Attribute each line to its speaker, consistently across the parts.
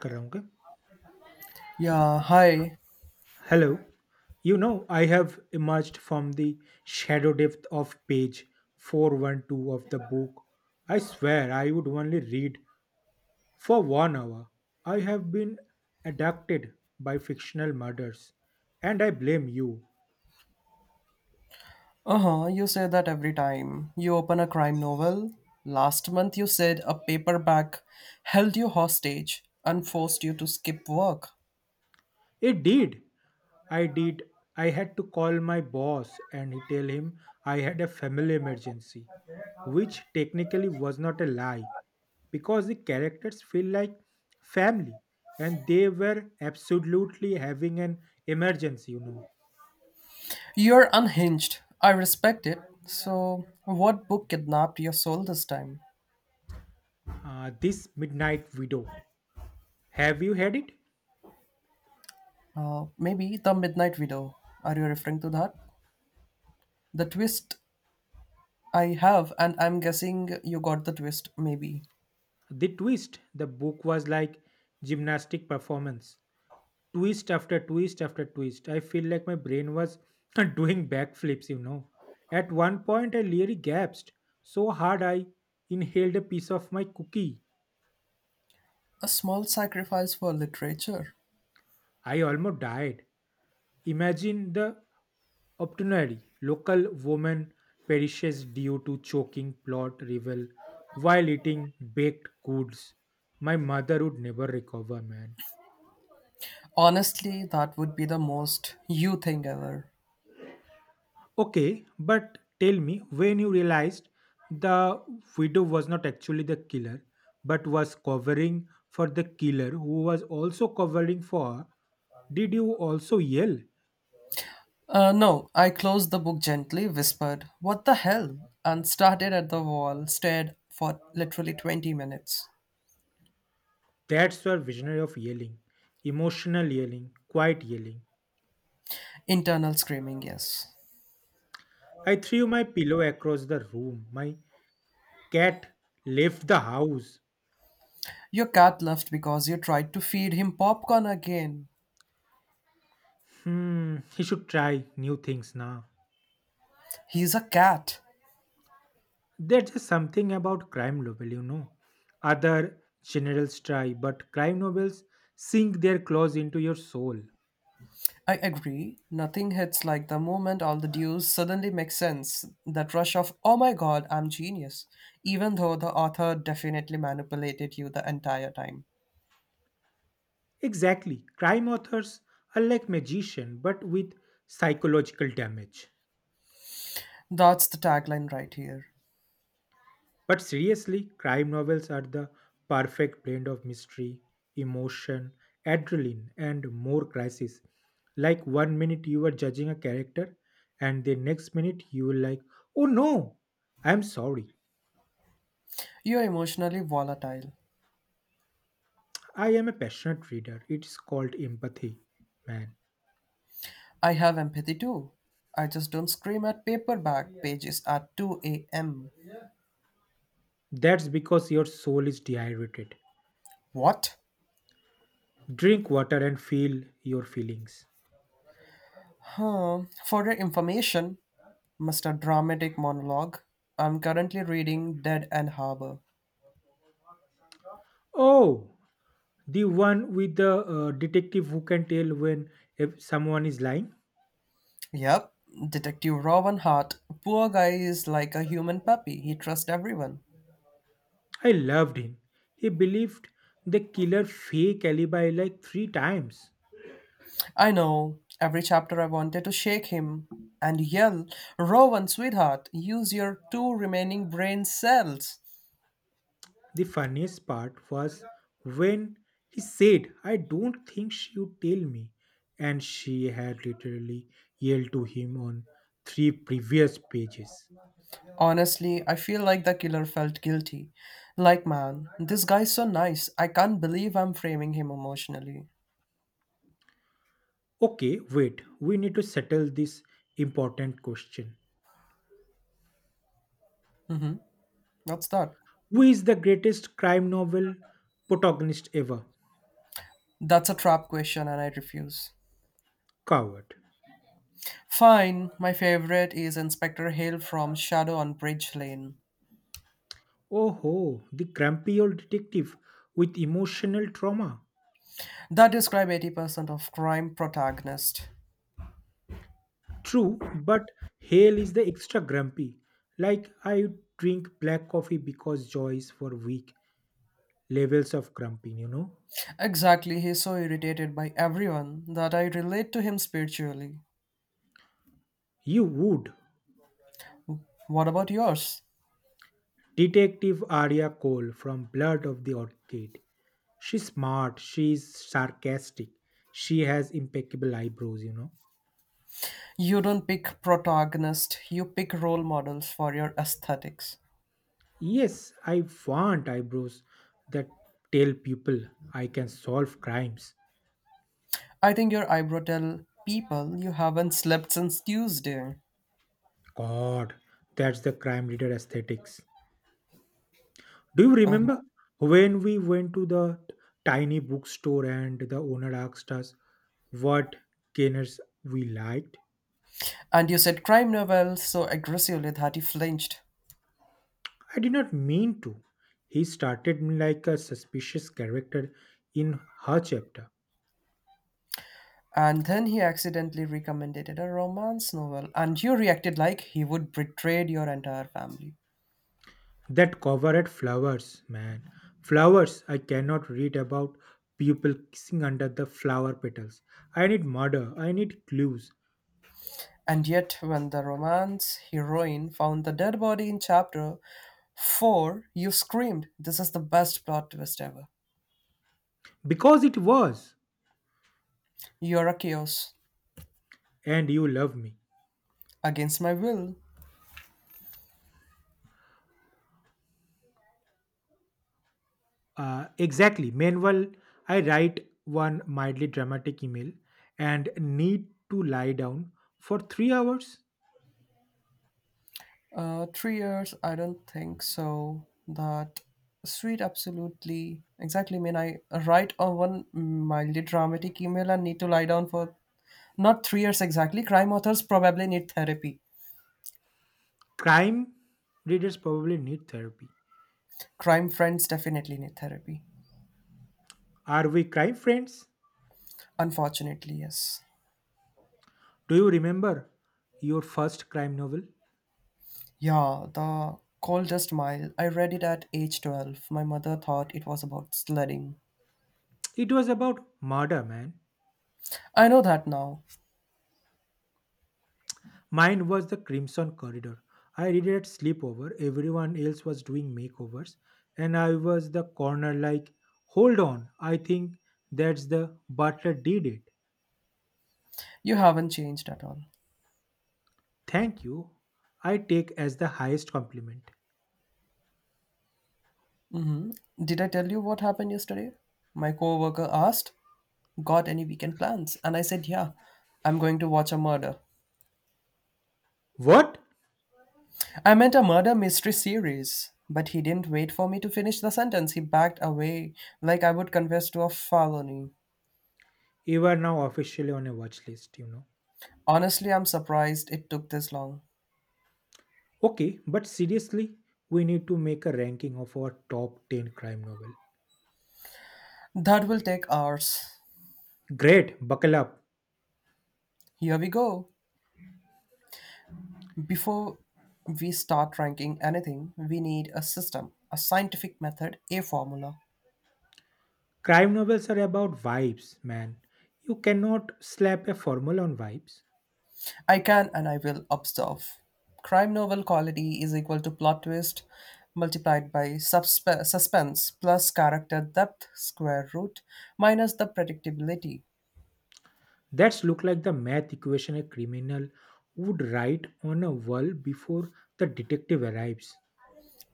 Speaker 1: Karanga.
Speaker 2: Yeah, hi.
Speaker 1: Hello. I have emerged from the shadow depth of page 412 of the book. I swear I would only read for 1 hour. I have been abducted by fictional murders, and I blame you.
Speaker 2: Uh huh, you say that every time. You open a crime novel. Last month you said a paperback held you hostage and forced you to skip work.
Speaker 1: It did. I did. I had to call my boss and he tell him I had a family emergency, which technically was not a lie because the characters feel like family and they were absolutely having an emergency.
Speaker 2: You're unhinged. I respect it. So, what book kidnapped your soul this time?
Speaker 1: This Midnight Widow. Have you had it?
Speaker 2: Maybe The Midnight Widow. Are you referring to that? The twist I have, and I'm guessing you got the twist, maybe.
Speaker 1: The twist, the book was like gymnastic performance twist after twist after twist. I feel like my brain was doing backflips. At one point, I nearly gasped so hard I inhaled a piece of my cookie.
Speaker 2: A small sacrifice for literature.
Speaker 1: I almost died. Imagine the Optionary local woman perishes due to choking plot rival while eating baked goods. My mother would never recover, man.
Speaker 2: Honestly, that would be the most you thing ever.
Speaker 1: Okay, but tell me when you realized the widow was not actually the killer but was covering for the killer who was also covering for her, did you also yell?
Speaker 2: No, I closed the book gently, whispered, What the hell? And started at the wall, stared for literally 20 minutes.
Speaker 1: That's your visionary of yelling. Emotional yelling, quiet yelling.
Speaker 2: Internal screaming, yes.
Speaker 1: I threw my pillow across the room. My cat left the house.
Speaker 2: Your cat left because you tried to feed him popcorn again.
Speaker 1: Hmm, he should try new things now.
Speaker 2: He's a cat.
Speaker 1: There's just something about crime novel. Other generals try, but crime novels sink their claws into your soul.
Speaker 2: I agree, nothing hits like the moment all the dues suddenly make sense. That rush of, oh my god, I'm genius, even though the author definitely manipulated you the entire time.
Speaker 1: Exactly. Crime authors are like magician, but with psychological damage.
Speaker 2: That's the tagline right here.
Speaker 1: But seriously, crime novels are the perfect blend of mystery, emotion, adrenaline, and more crisis. Like one minute you are judging a character, and the next minute you will like, oh no, I'm sorry.
Speaker 2: You're emotionally volatile.
Speaker 1: I am a passionate reader. It's called empathy, man.
Speaker 2: I have empathy too. I just don't scream at paperback pages at 2 a.m.
Speaker 1: That's because your soul is dehydrated.
Speaker 2: What?
Speaker 1: Drink water and feel your feelings.
Speaker 2: Huh. For your information, Mr. Dramatic Monologue, I'm currently reading Dead and Harbor.
Speaker 1: Oh, the one with the detective who can tell when if someone is lying.
Speaker 2: Yep, Detective Robin Hart. Poor guy is like a human puppy. He trusts everyone.
Speaker 1: I loved him. He believed the killer fake alibi like three times.
Speaker 2: I know. Every chapter I wanted to shake him and yell, Rowan, sweetheart, use your two remaining brain cells.
Speaker 1: The funniest part was when he said, "I don't think she'd tell me." And she had literally yelled to him on three previous pages.
Speaker 2: Honestly, I feel like the killer felt guilty. Like, man, this guy's so nice. I can't believe I'm framing him emotionally.
Speaker 1: Okay, wait, we need to settle this important question.
Speaker 2: What's that?
Speaker 1: Who is the greatest crime novel protagonist ever?
Speaker 2: That's a trap question, and I refuse.
Speaker 1: Coward.
Speaker 2: Fine, my favorite is Inspector Hale from Shadow on Bridge Lane.
Speaker 1: Oh ho, the grumpy old detective with emotional trauma.
Speaker 2: That describes 80% of crime protagonists.
Speaker 1: True, but Hale is the extra grumpy. Like I drink black coffee because Joyce for weak levels of grumpy, you know.
Speaker 2: Exactly, he's so irritated by everyone that I relate to him spiritually.
Speaker 1: You would.
Speaker 2: What about yours?
Speaker 1: Detective Arya Cole from Blood of the Orchid. She's smart, she's sarcastic, she has impeccable eyebrows.
Speaker 2: You don't pick protagonists, you pick role models for your aesthetics.
Speaker 1: Yes, I want eyebrows that tell people I can solve crimes.
Speaker 2: I think your eyebrow tell people you haven't slept since Tuesday.
Speaker 1: God, that's the crime reader aesthetics. Do you
Speaker 2: Uh-huh.
Speaker 1: remember when we went to the tiny bookstore and the owner asked us what gainers we liked?
Speaker 2: And you said crime novel so aggressively that he flinched.
Speaker 1: I did not mean to. He started me like a suspicious character in her chapter.
Speaker 2: And then he accidentally recommended it a romance novel, and you reacted like he would betray your entire family.
Speaker 1: That cover had flowers, man. Flowers I cannot read about people kissing under the flower petals. I need murder. I need clues.
Speaker 2: And yet, when the romance heroine found the dead body in chapter 4, you screamed, This is the best plot twist ever.
Speaker 1: Because it was.
Speaker 2: You're a chaos.
Speaker 1: And you love me.
Speaker 2: Against my will.
Speaker 1: Exactly. Meanwhile, I write one mildly dramatic email and need to lie down for 3 hours.
Speaker 2: 3 years, I don't think so. That sweet, absolutely. Exactly. I mean, I write on one mildly dramatic email and need to lie down for not 3 years exactly. Crime authors probably need therapy.
Speaker 1: Crime readers probably need therapy.
Speaker 2: Crime friends definitely need therapy.
Speaker 1: Are we crime friends?
Speaker 2: Unfortunately, yes.
Speaker 1: Do you remember your first crime novel?
Speaker 2: Yeah, The Coldest Mile. I read it at age 12. My mother thought it was about sledding.
Speaker 1: It was about murder, man.
Speaker 2: I know that now.
Speaker 1: Mine was The Crimson Corridor. I read it at sleepover. Everyone else was doing makeovers, and I was the corner like, hold on, I think that's the butler did it.
Speaker 2: You haven't changed at all.
Speaker 1: Thank you. I take as the highest compliment.
Speaker 2: Did I tell you what happened yesterday? My coworker asked, Got any weekend plans? And I said, Yeah, I'm going to watch a murder.
Speaker 1: What?
Speaker 2: I meant a murder mystery series. But he didn't wait for me to finish the sentence. He backed away like I would confess to a felony.
Speaker 1: You are now officially on a watch list.
Speaker 2: Honestly, I'm surprised it took this long.
Speaker 1: Okay, but seriously, we need to make a ranking of our top 10 crime novel.
Speaker 2: That will take hours.
Speaker 1: Great, buckle up.
Speaker 2: Here we go. Before we start ranking anything, we need a system, a scientific method, a formula.
Speaker 1: Crime novels are about vibes, man. You cannot slap a formula on vibes.
Speaker 2: I can and I will observe. Crime novel quality is equal to plot twist multiplied by suspense plus character depth square root minus the predictability.
Speaker 1: That's look like the math equation a criminal would write on a wall before the detective arrives.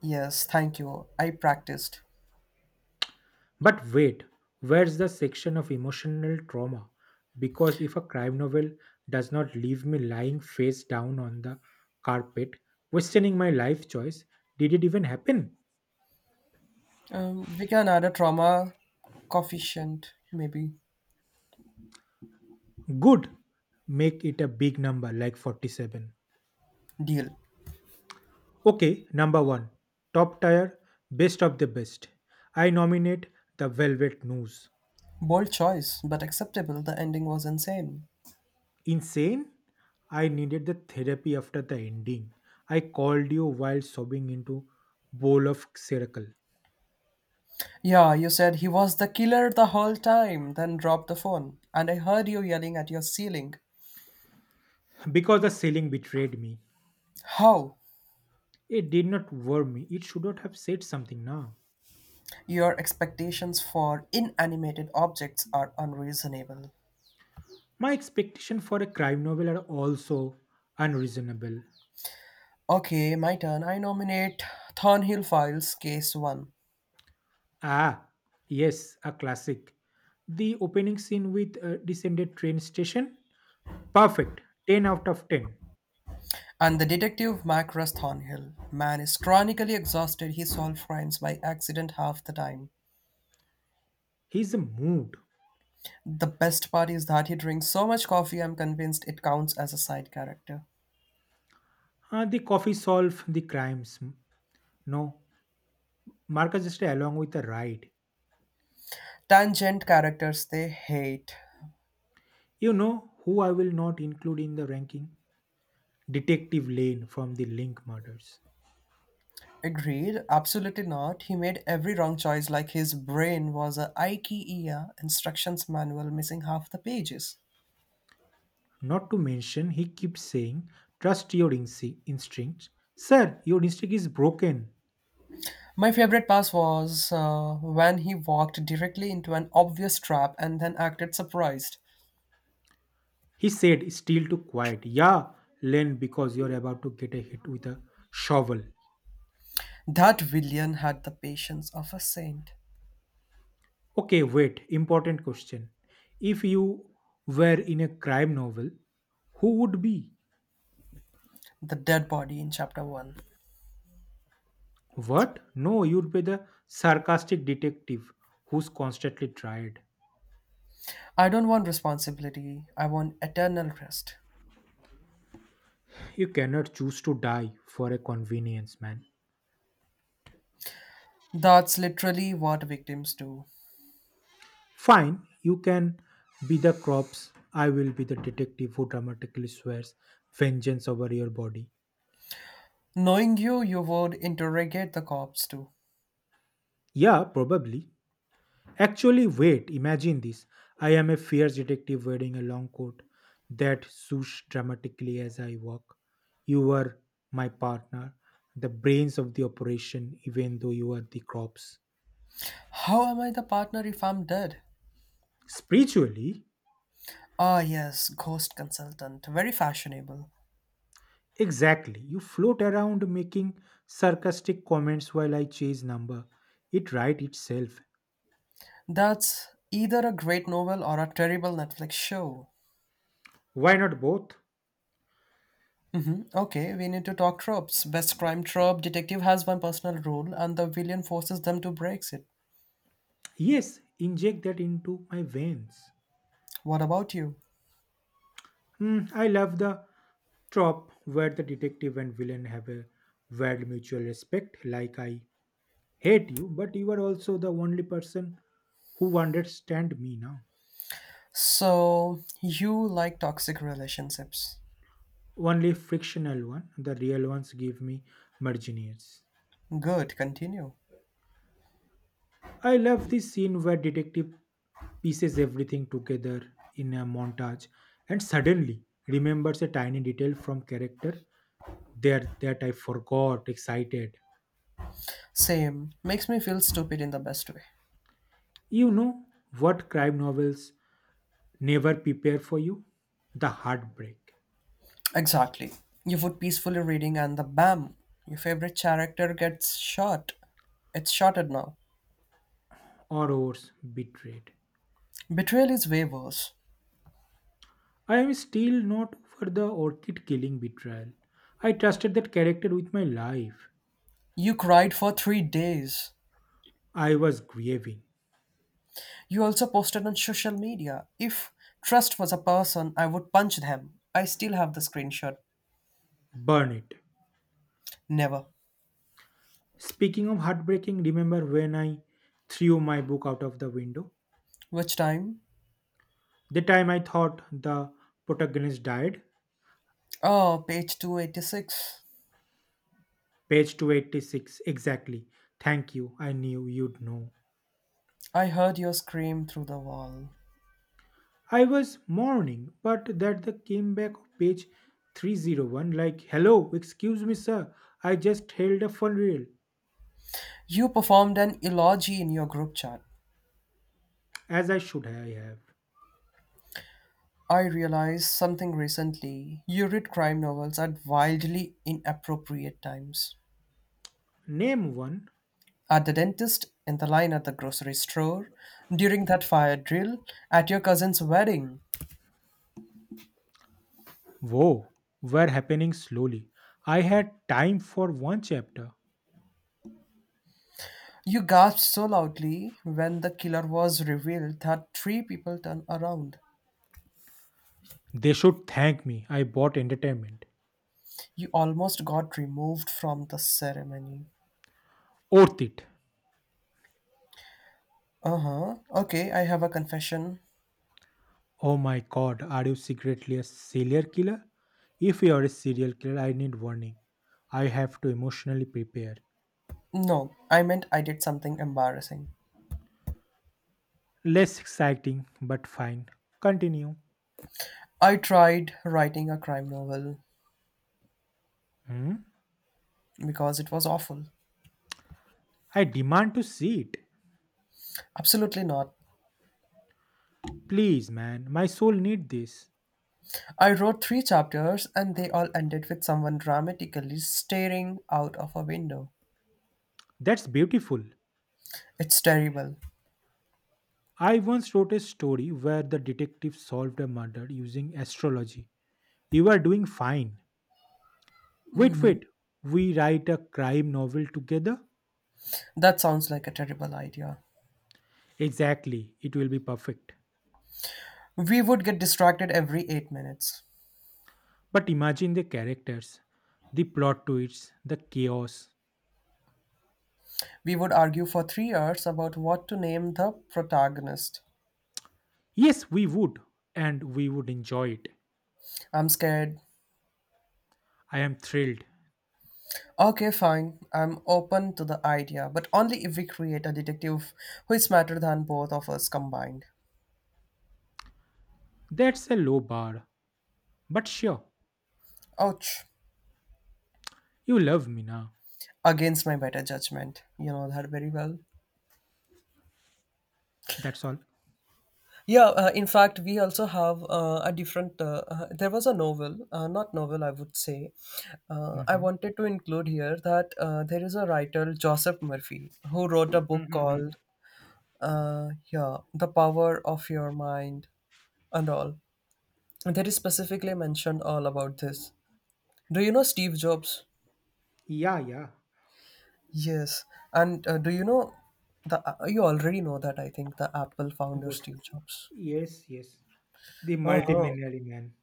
Speaker 2: Yes, thank you. I practiced.
Speaker 1: But wait, where's the section of emotional trauma? Because if a crime novel does not leave me lying face down on the carpet, questioning my life choice, did it even happen?
Speaker 2: We can add a trauma coefficient, maybe.
Speaker 1: Good. Make it a big number like 47.
Speaker 2: Deal.
Speaker 1: Okay, number one. Top tier, best of the best. I nominate the Velvet News.
Speaker 2: Bold choice, but acceptable. The ending was insane.
Speaker 1: Insane? I needed the therapy after the ending. I called you while sobbing into bowl of circle.
Speaker 2: Yeah, you said he was the killer the whole time, then dropped the phone. And I heard you yelling at your ceiling.
Speaker 1: Because the ceiling betrayed me.
Speaker 2: How?
Speaker 1: It did not warm me. It should not have said something now.
Speaker 2: Your expectations for inanimated objects are unreasonable.
Speaker 1: My expectation for a crime novel are also unreasonable.
Speaker 2: Okay, my turn. I nominate Thornhill Files, Case 1.
Speaker 1: Ah, yes, a classic. The opening scene with a descended train station. Perfect. 10 out of 10.
Speaker 2: And the detective Macross Thornhill. Man is chronically exhausted, he solves crimes by accident half the time.
Speaker 1: He's a mood.
Speaker 2: The best part is that he drinks so much coffee, I'm convinced it counts as a side character.
Speaker 1: Ah, the coffee solve the crimes. No, Marcus just along with the ride.
Speaker 2: Tangent characters they hate.
Speaker 1: You know who I will not include in the ranking? Detective Lane from the Link murders.
Speaker 2: Agreed, absolutely not. He made every wrong choice like his brain was a IKEA instructions manual missing half the pages.
Speaker 1: Not to mention, he keeps saying, "Trust your instinct. Sir, your instinct is broken.
Speaker 2: My favorite pass was when he walked directly into an obvious trap and then acted surprised.
Speaker 1: He said, still too quiet. Yeah, Len, because you're about to get a hit with a shovel.
Speaker 2: That villain had the patience of a saint.
Speaker 1: Okay, wait. Important question. If you were in a crime novel, who would be?
Speaker 2: The dead body in chapter 1.
Speaker 1: What? No, you'd be the sarcastic detective who's constantly tried.
Speaker 2: I don't want responsibility, I want eternal rest.
Speaker 1: You cannot choose to die for a convenience, man.
Speaker 2: That's literally what victims do.
Speaker 1: Fine, you can be the crops. I will be the detective who dramatically swears vengeance over your body.
Speaker 2: Knowing you, you would interrogate the cops too.
Speaker 1: Yeah, probably. Actually, wait, imagine this. I am a fierce detective wearing a long coat that swoosh dramatically as I walk. You are my partner, the brains of the operation, even though you are the crops.
Speaker 2: How am I the partner if I'm dead?
Speaker 1: Spiritually,
Speaker 2: Ah, yes, Ghost Consultant. Very fashionable.
Speaker 1: exactly. You float around making sarcastic comments while I chase number. It right itself.
Speaker 2: That's either a great novel or a terrible Netflix show.
Speaker 1: Why not both?
Speaker 2: Hmm. Okay, we need to talk tropes. Best crime trope detective has one personal rule, and the villain forces them to break it.
Speaker 1: Yes, inject that into my veins.
Speaker 2: What about you?
Speaker 1: Hmm, I love the trope where the detective and villain have a weird mutual respect, like I hate you, but you are also the only person who understand me now.
Speaker 2: So, you like toxic relationships.
Speaker 1: Only frictional one, the real ones give me marginaires.
Speaker 2: Good, continue.
Speaker 1: I love this scene where detective pieces everything together in a montage and suddenly remembers a tiny detail from character there that I forgot excited.
Speaker 2: Same. Makes me feel stupid in the best way.
Speaker 1: You know what crime novels never prepare for you? The heartbreak,
Speaker 2: Exactly. You would peacefully reading and the bam, your favorite character gets shot. It's shotted now.
Speaker 1: horrors, betrayed.
Speaker 2: Betrayal is way worse.
Speaker 1: I am still not over the orchid killing betrayal. I trusted that character with my life.
Speaker 2: You cried for 3 days.
Speaker 1: I was grieving.
Speaker 2: You also posted on social media. If trust was a person, I would punch them. I still have the screenshot.
Speaker 1: Burn it.
Speaker 2: Never.
Speaker 1: Speaking of heartbreaking, remember when I threw my book out of the window?
Speaker 2: Which time?
Speaker 1: The time I thought the protagonist died?
Speaker 2: Oh, page 286.
Speaker 1: Page 286, exactly. Thank you, I knew you'd know.
Speaker 2: I heard your scream through the wall.
Speaker 1: I was mourning, but that the came back of page 301 like, "Hello, excuse me, sir, I just held a funeral,"
Speaker 2: You performed an eulogy in your group chat.
Speaker 1: as I should I have.
Speaker 2: I realized something recently. You read crime novels at wildly inappropriate times.
Speaker 1: Name one.
Speaker 2: At the dentist, in the line at the grocery store, during that fire drill, at your cousin's wedding.
Speaker 1: Whoa, were happening slowly. I had time for one chapter.
Speaker 2: You gasped so loudly when the killer was revealed that three people turned around.
Speaker 1: They should thank me. I bought entertainment.
Speaker 2: You almost got removed from the ceremony.
Speaker 1: Worth it.
Speaker 2: Uh huh. Okay, I have a confession.
Speaker 1: Oh my god, are you secretly a serial killer? If you are a serial killer, I need warning. I have to emotionally prepare.
Speaker 2: No, I meant I did something embarrassing.
Speaker 1: Less exciting, but fine. Continue.
Speaker 2: I tried writing a crime novel,
Speaker 1: Hmm?
Speaker 2: because it was awful.
Speaker 1: I demand to see it.
Speaker 2: Absolutely not.
Speaker 1: Please, man, my soul need this.
Speaker 2: I wrote three chapters and they all ended with someone dramatically staring out of a window.
Speaker 1: That's beautiful.
Speaker 2: It's terrible.
Speaker 1: I once wrote a story where the detective solved a murder using astrology. You are doing fine. Wait, wait. We write a crime novel together?
Speaker 2: That sounds like a terrible idea.
Speaker 1: Exactly, it will be perfect.
Speaker 2: We would get distracted every 8 minutes.
Speaker 1: But imagine the characters, the plot twists, the chaos.
Speaker 2: We would argue for 3 hours about what to name the protagonist.
Speaker 1: Yes, we would, and we would enjoy it.
Speaker 2: I'm scared.
Speaker 1: I am thrilled.
Speaker 2: Okay, fine. I'm open to the idea, but only if we create a detective who is smarter than both of us combined.
Speaker 1: That's a low bar. But sure,
Speaker 2: Ouch.
Speaker 1: you love me now.
Speaker 2: Against my better judgment. You know that very well.
Speaker 1: That's all.
Speaker 2: Yeah, in fact, we also have a different. There was a novel, not novel, I would say. I
Speaker 1: Mhm.
Speaker 2: wanted to include here that there is a writer, Joseph Murphy, who wrote a book
Speaker 1: Mhm.
Speaker 2: called yeah, The Power of Your Mind and all. And there is specifically mentioned all about this. Do you know Steve Jobs?
Speaker 1: Yeah, yeah.
Speaker 2: Yes. And do you know the? You already know that I think the Apple founder
Speaker 1: Was
Speaker 2: Steve Jobs.
Speaker 1: yes, yes. The
Speaker 2: Uh-huh.
Speaker 1: multimillionaire man.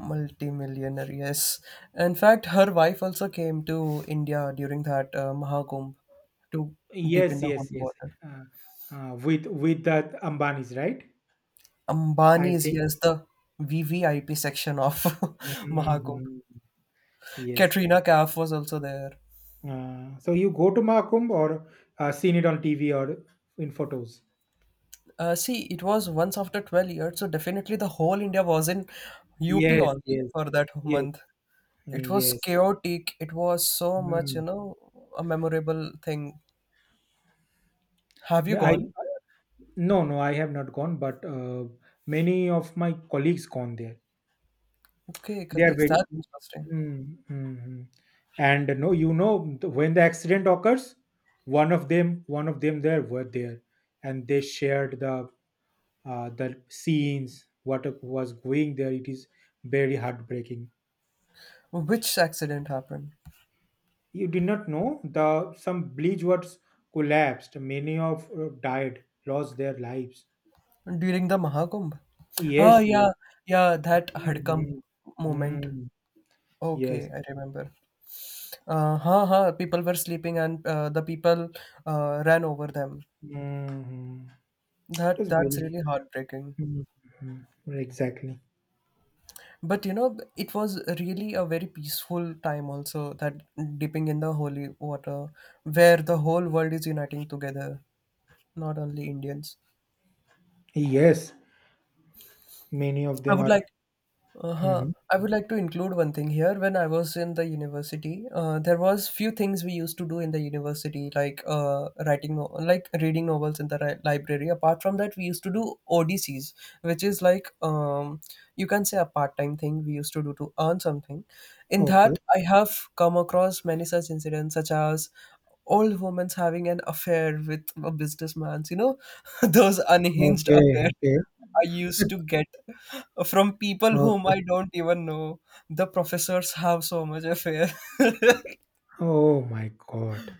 Speaker 2: Multi-millionaire, yes. In fact, her wife also came to India during that Mahakumbh to dip in
Speaker 1: Yes,
Speaker 2: the hot
Speaker 1: yes, yes.
Speaker 2: water.
Speaker 1: Uh, with the Ambanis, right? I
Speaker 2: Ambani is,
Speaker 1: think.
Speaker 2: yes, the VVIP section of Mahakumbh.
Speaker 1: Mhm. Yes.
Speaker 2: Katrina Kaif was also there.
Speaker 1: So you go to Mahakumbh or seen it on TV or in photos?
Speaker 2: See, it was once after 12 years, so definitely the whole India was in UP
Speaker 1: Yes,
Speaker 2: only
Speaker 1: yes,
Speaker 2: for that
Speaker 1: yes,
Speaker 2: month. It was
Speaker 1: yes.
Speaker 2: chaotic. It was so much, you
Speaker 1: Mm.
Speaker 2: know, a memorable thing. Have you
Speaker 1: Ma- I
Speaker 2: gone?
Speaker 1: no, no, I have not gone, but many of my colleagues gone there.
Speaker 2: Okay,
Speaker 1: They are
Speaker 2: colleagues,
Speaker 1: very.
Speaker 2: that's interesting.
Speaker 1: Mm, mm, mm. And no, when the accident occurs, one of them there were there, and they shared the scenes, what was going there. It is very heartbreaking.
Speaker 2: Well, which accident happened?
Speaker 1: You did not know the some bridge was collapsed. Many of died, lost their lives.
Speaker 2: During the Mahakumbh? Ah,
Speaker 1: Yes, yes.
Speaker 2: yeah, yeah, that Hadkam
Speaker 1: Mhm.
Speaker 2: moment.
Speaker 1: Mm, yes.
Speaker 2: Okay, I remember. People were sleeping and the people ran over them.
Speaker 1: Mhm. It
Speaker 2: That
Speaker 1: was
Speaker 2: that's
Speaker 1: very.
Speaker 2: really heartbreaking.
Speaker 1: Mhm. Exactly.
Speaker 2: But you know, it was really a very peaceful time also that dipping in the holy water where the whole world is uniting together, not only Indians.
Speaker 1: Yes, many of
Speaker 2: I
Speaker 1: them
Speaker 2: would
Speaker 1: are.
Speaker 2: like Uh-huh.
Speaker 1: Mhm.
Speaker 2: I would like to include one thing here. When I was in the university, there was few things we used to do in the university, like writing, like reading novels in the library. Apart from that, we used to do ODCs, which is like you can say a part-time thing we used to do to earn something. In
Speaker 1: Okay.
Speaker 2: that, I have come across many such incidents, such as old women having an affair with a businessman. You know, those unhinged
Speaker 1: Okay.
Speaker 2: affairs.
Speaker 1: Okay.
Speaker 2: I used to get from people whom
Speaker 1: Okay.
Speaker 2: I don't even know. The professors have so much affair.
Speaker 1: Oh my God.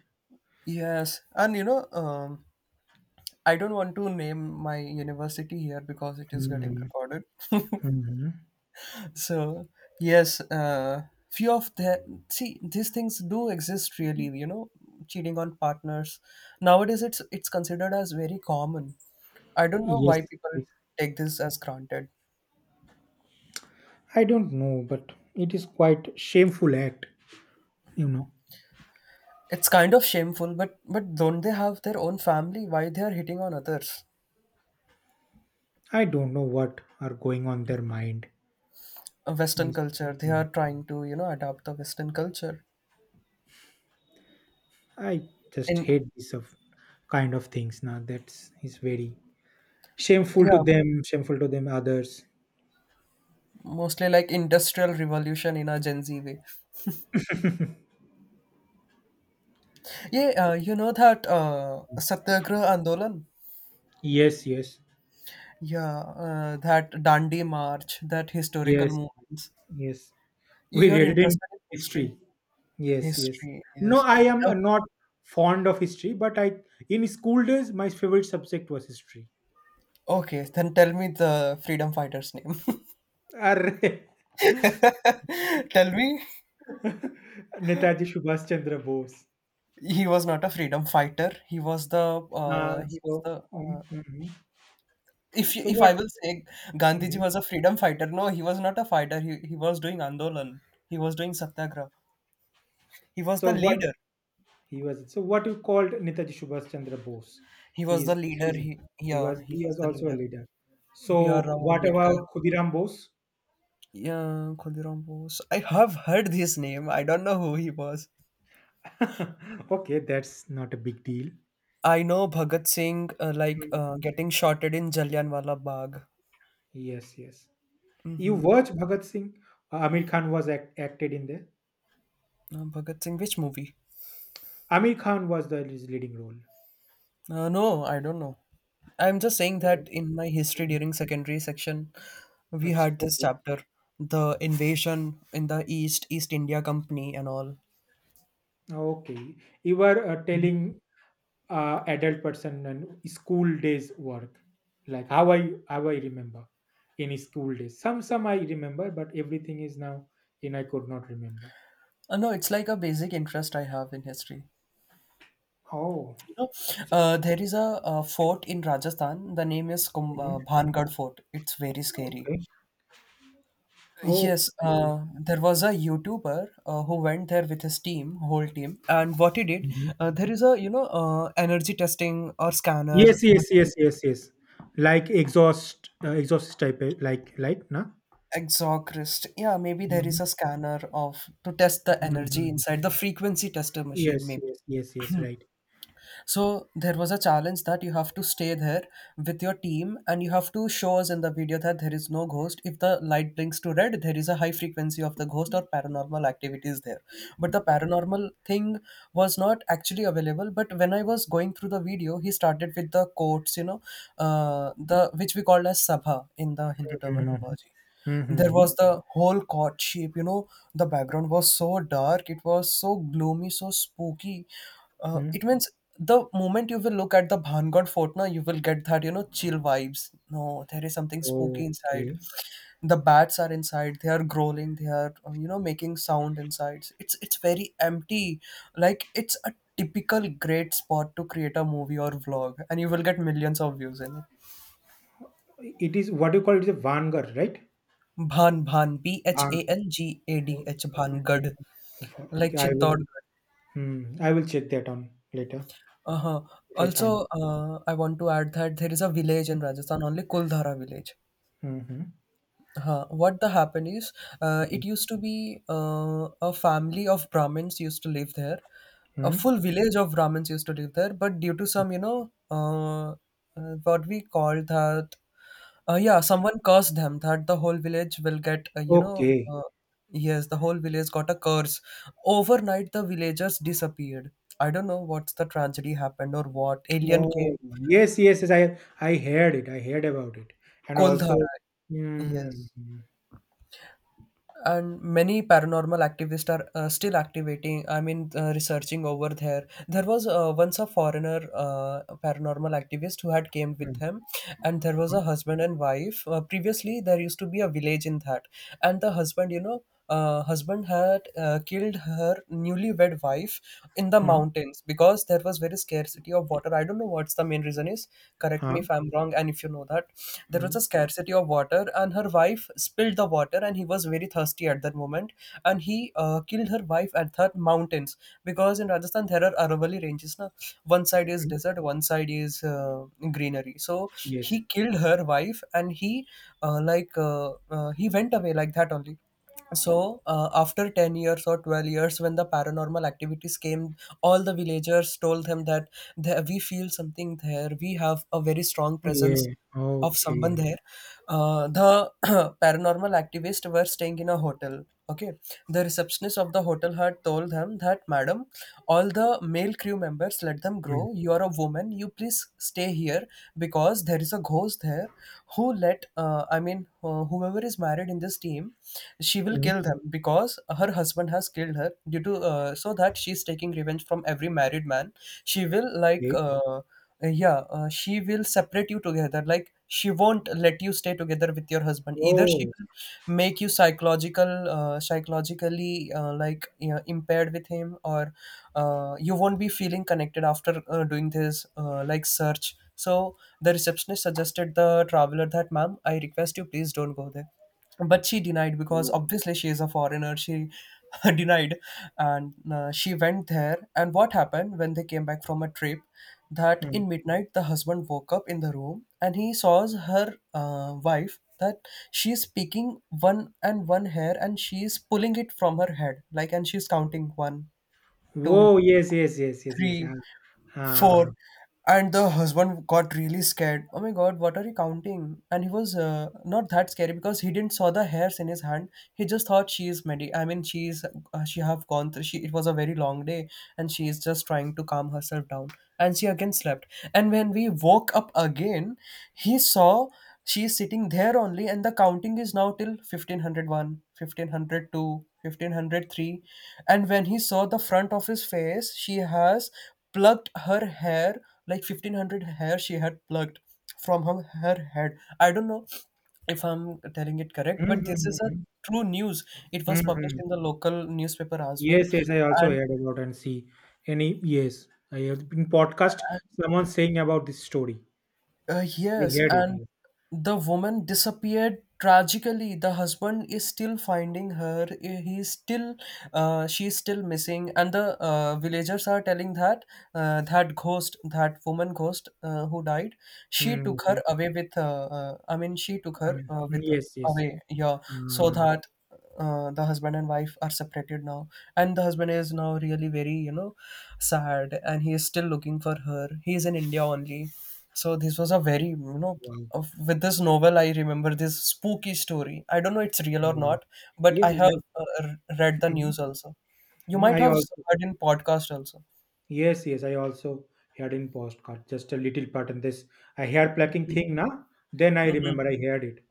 Speaker 2: Yes, and you know, I don't want to name my university here because it is getting
Speaker 1: Mhm.
Speaker 2: recorded.
Speaker 1: Mhm.
Speaker 2: So yes, few of these things do exist really. You know, cheating on partners nowadays it's considered as very common. I don't know
Speaker 1: Yes.
Speaker 2: why people
Speaker 1: Yes.
Speaker 2: take this as granted.
Speaker 1: I don't know, but it is quite shameful act. You know.
Speaker 2: It's kind of shameful, but don't they have their own family? Why they are hitting on others?
Speaker 1: I don't know what are going on their mind.
Speaker 2: A Western
Speaker 1: Is-
Speaker 2: culture. They
Speaker 1: Mm.
Speaker 2: are trying to you know adapt the Western culture.
Speaker 1: I just
Speaker 2: And
Speaker 1: hate these of kind of things now. That's is very
Speaker 2: yeah,
Speaker 1: shameful to them others.
Speaker 2: mostly like industrial revolution in a Gen Z way. Yeah, you know that Satyagraha Andolan.
Speaker 1: Yes, yes,
Speaker 2: Yeah, that Dandi March, that historical
Speaker 1: yes,
Speaker 2: movements.
Speaker 1: yes. We
Speaker 2: You are
Speaker 1: read it in
Speaker 2: interested in history.
Speaker 1: history. Yes, yes.
Speaker 2: History,
Speaker 1: No,
Speaker 2: yes.
Speaker 1: I am not fond of history, but I in school days my favorite subject was history.
Speaker 2: Okay, then tell me the freedom fighters' name.
Speaker 1: Arre.
Speaker 2: Tell me.
Speaker 1: Netaji Subhash Chandra Bose.
Speaker 2: He was not a freedom fighter.
Speaker 1: Uh,
Speaker 2: He was
Speaker 1: so,
Speaker 2: the
Speaker 1: um,
Speaker 2: uh,
Speaker 1: mhm. So
Speaker 2: if
Speaker 1: what?
Speaker 2: I will say Gandhiji
Speaker 1: Mhm.
Speaker 2: was a freedom fighter. No, he was not a fighter. He was doing andolan. He was doing satyagraha. he was the
Speaker 1: So what
Speaker 2: leader
Speaker 1: he was so what you called Netaji Subhash Chandra Bose.
Speaker 2: he was the
Speaker 1: He's,
Speaker 2: leader,
Speaker 1: he's
Speaker 2: he
Speaker 1: he
Speaker 2: yeah,
Speaker 1: was
Speaker 2: he
Speaker 1: he
Speaker 2: was
Speaker 1: was
Speaker 2: the
Speaker 1: also a
Speaker 2: leader.
Speaker 1: leader. So
Speaker 2: BR Ram
Speaker 1: what
Speaker 2: Ambedkar.
Speaker 1: about Khudiram Bose?
Speaker 2: Yeah, Khudiram Bose, I have heard his name. I don't know who he was.
Speaker 1: Okay, that's not a big deal.
Speaker 2: I know Bhagat Singh, like,
Speaker 1: Hmm.
Speaker 2: getting shotted in Jallianwala Bagh.
Speaker 1: Yes, yes. You
Speaker 2: Mm-hmm.
Speaker 1: watch Bhagat Singh. Amir Khan was acted in there.
Speaker 2: Bhagat Singh, which movie?
Speaker 1: Amir Khan was the his leading role.
Speaker 2: No, I don't know. I'm just saying
Speaker 1: Oh.
Speaker 2: that in my history,
Speaker 1: Mhm.
Speaker 2: during secondary section, we
Speaker 1: Achha,
Speaker 2: had this
Speaker 1: okay,
Speaker 2: chapter, the invasion in the East, East India Company, and all.
Speaker 1: okay. You were telling adult person and school days work, like how I remember. In school days some I remember, but everything is now in I could not remember.
Speaker 2: No, it's like a basic interest I have in history.
Speaker 1: Oh.
Speaker 2: You know,
Speaker 1: So.
Speaker 2: there is a, fort in Rajasthan. The name is
Speaker 1: Mhm.
Speaker 2: Bhangad Fort. It's very scary.
Speaker 1: Okay.
Speaker 2: Yes,
Speaker 1: Okay.
Speaker 2: there was a YouTuber who went there with his team, whole team, and what he did,
Speaker 1: Mhm.
Speaker 2: there is a, you know, energy testing or scanner
Speaker 1: Yes, yes,
Speaker 2: machine.
Speaker 1: yes, yes, yes. Like exhaust type, like na.
Speaker 2: Exorcist. Yeah, maybe there is
Speaker 1: Mhm.
Speaker 2: a scanner of to test the energy
Speaker 1: Mhm.
Speaker 2: inside, the frequency tester machine,
Speaker 1: Yes,
Speaker 2: maybe.
Speaker 1: yes, yes, yes, right.
Speaker 2: So there was a challenge that you have to stay there with your team, and you have to show us in the video that there is no ghost. If the light blinks to red, there is a high frequency of the ghost or paranormal activities there. But the paranormal thing was not actually available. But when I was going through the video, he started with the quotes, you know, the which we called as sabha in the Hindu
Speaker 1: Mhm.
Speaker 2: terminology. There
Speaker 1: Mhm.
Speaker 2: was the whole courtship, you know. The background was so dark, it was so gloomy, so spooky. It
Speaker 1: Mhm.
Speaker 2: means the moment you will look at the Bhangad Fort now, you will get that, you know, chill vibes. No, there is something spooky inside.
Speaker 1: Okay.
Speaker 2: The bats are inside, they are growling, they are, you know, making sound inside. It's very empty. Like, it's a typical great spot to create a movie or vlog, and you will get millions of views in it.
Speaker 1: It is what do you call it? It's a vanguard, right?
Speaker 2: Bhan, B H A N G A D
Speaker 1: Okay,
Speaker 2: H Bhangad.
Speaker 1: I
Speaker 2: Like
Speaker 1: okay, I will,
Speaker 2: Chittorgarh.
Speaker 1: I will check that on later,
Speaker 2: Uh-huh.
Speaker 1: if I find.
Speaker 2: Also, I want to add that there is a village in Rajasthan, only Kuldhara village.
Speaker 1: Mm-hmm.
Speaker 2: Huh. What the happened is, it used to be, a family of Brahmins used to live there. A
Speaker 1: Hmm.
Speaker 2: full village of Brahmins used to live there, but due to some, you know, what we call that. Yeah, someone cursed them that the whole village will get, you know,
Speaker 1: Okay.
Speaker 2: yes, the whole village got a curse. Overnight, the villagers disappeared. I don't know what's the tragedy happened or what. Alien came.
Speaker 1: Oh, yes, yes, yes. I heard it. I heard about it. And
Speaker 2: Kuldhara.
Speaker 1: also. Hmm.
Speaker 2: Yes.
Speaker 1: Hmm.
Speaker 2: And many paranormal activists are, still activating, I mean, researching over there. There was, once, a foreigner, paranormal activist who had came with them. And there was
Speaker 1: Hmm.
Speaker 2: a husband and wife, previously there used to be a village in that. And the husband, you know, husband had, killed her newlywed wife in the
Speaker 1: Mm,
Speaker 2: mountains, because there was very scarcity of water. I don't know what's the main reason is. Correct
Speaker 1: huh,
Speaker 2: me if I'm wrong, and if you know that. There was a
Speaker 1: mm,
Speaker 2: scarcity of water, and her wife spilled the water, and he was very thirsty at that moment, and he, killed her wife at the mountains. Because in Rajasthan there are Aravalli ranges, na. One side is
Speaker 1: mm,
Speaker 2: desert, one side is greenery. So he
Speaker 1: yes.
Speaker 2: killed her wife, and he went away like that only. So, after 10 years or 12 years, when the paranormal activities came, all the villagers told them that, We feel something there, we have a very strong presence
Speaker 1: Yeah.
Speaker 2: of
Speaker 1: Okay.
Speaker 2: someone there." The paranormal activists were staying in a hotel. Okay, the receptionist of the hotel had told them that, "Madam, all the male crew members, let them grow.
Speaker 1: Hmm.
Speaker 2: You are a woman, you please stay here, because there is a ghost there, who let, I mean, whoever is married in this team, she will
Speaker 1: Mm,
Speaker 2: kill them. Because her husband has killed her, due to, so that she's taking revenge from every married man. She will, like,
Speaker 1: okay.
Speaker 2: yeah, she will separate you together, like she won't let you stay together with your husband. Either she
Speaker 1: Oh.
Speaker 2: will make you psychologically, like, you know, impaired with him, or you won't be feeling connected after, doing this, like, search." So the receptionist suggested the traveler that, "Ma'am, I request you, please don't go there." But she denied,
Speaker 1: So, hmm.
Speaker 2: because
Speaker 1: Oh,
Speaker 2: obviously she is a foreigner, she denied. And she went there, and what happened, when they came back from a trip, that
Speaker 1: mm.
Speaker 2: in midnight the husband woke up in the room, and he saw her, wife, that she is picking one and one hair, and she is pulling it from her head, like, and she's counting one, two,
Speaker 1: Whoa, yes, yes, yes, yes, yes.
Speaker 2: three,
Speaker 1: Ah,
Speaker 2: four,
Speaker 1: ah.
Speaker 2: and the husband got really scared. Oh my God, what are you counting? And he was not that scary, because he didn't saw the hairs in his hand. He just thought she is medi, I mean, she is, she have gone through. She, it was a very long day, and she is just trying to calm herself down. And she again slept. And when we woke up again, he saw she is sitting there only, and the counting is now till 1501, 1502, 1503. And when he saw the front of his face, she has plucked her hair, like 1500 hair she had plucked from her head. I don't know if I'm telling it correct,
Speaker 1: Hmm.
Speaker 2: but
Speaker 1: Hmm,
Speaker 2: this
Speaker 1: hmm,
Speaker 2: is a
Speaker 1: hmm.
Speaker 2: true news. It
Speaker 1: Hmm,
Speaker 2: was published
Speaker 1: hmm.
Speaker 2: in the local newspaper as well.
Speaker 1: Yes, yes, I also
Speaker 2: And
Speaker 1: heard about and see any. Yes, I heard in podcast someone saying about this story. I
Speaker 2: Yes,
Speaker 1: heard it.
Speaker 2: and
Speaker 1: Yes.
Speaker 2: the woman disappeared tragically. The husband is still finding her. He's still, she's still missing, and the villagers are telling that, that ghost, that woman ghost, who died, she took her
Speaker 1: hmm
Speaker 2: away with. I mean, she took
Speaker 1: I
Speaker 2: her,
Speaker 1: mean, mm,
Speaker 2: with
Speaker 1: yes, yes.
Speaker 2: away. Yeah, so
Speaker 1: Uh,
Speaker 2: that. The husband and wife are separated now, and the husband is now really very, you know, sad, and he is still looking for her. He is in India only. So this was a very, you know,
Speaker 1: wow,
Speaker 2: with this novel, I remember this spooky story. I don't know it's real or
Speaker 1: wow.
Speaker 2: not, but
Speaker 1: Yes,
Speaker 2: I
Speaker 1: yes,
Speaker 2: have
Speaker 1: I.
Speaker 2: read the
Speaker 1: Mhm.
Speaker 2: news also. You
Speaker 1: Mm,
Speaker 2: might
Speaker 1: I
Speaker 2: have
Speaker 1: also.
Speaker 2: heard in podcast also.
Speaker 1: Yes, yes, I also heard in postcard just a little part in this. I hair plucking thing now. Then I
Speaker 2: Mhm.
Speaker 1: remember I heard it.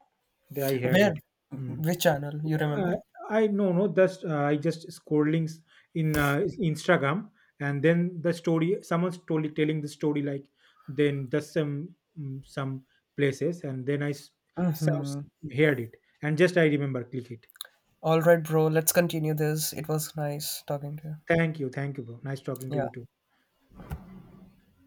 Speaker 1: Then I heard it.
Speaker 2: Where,
Speaker 1: Hmm.
Speaker 2: which channel you
Speaker 1: Uh,
Speaker 2: remember?
Speaker 1: I no, no, just I just scrolling in Instagram, and then the story someone's told telling the story like, then just some some places, and then some,
Speaker 2: Mm-hmm.
Speaker 1: heard it, and just I remember click it.
Speaker 2: All right, bro. Let's continue this. It was nice talking to you.
Speaker 1: Thank you, bro. Nice talking to
Speaker 2: Yeah.
Speaker 1: you too.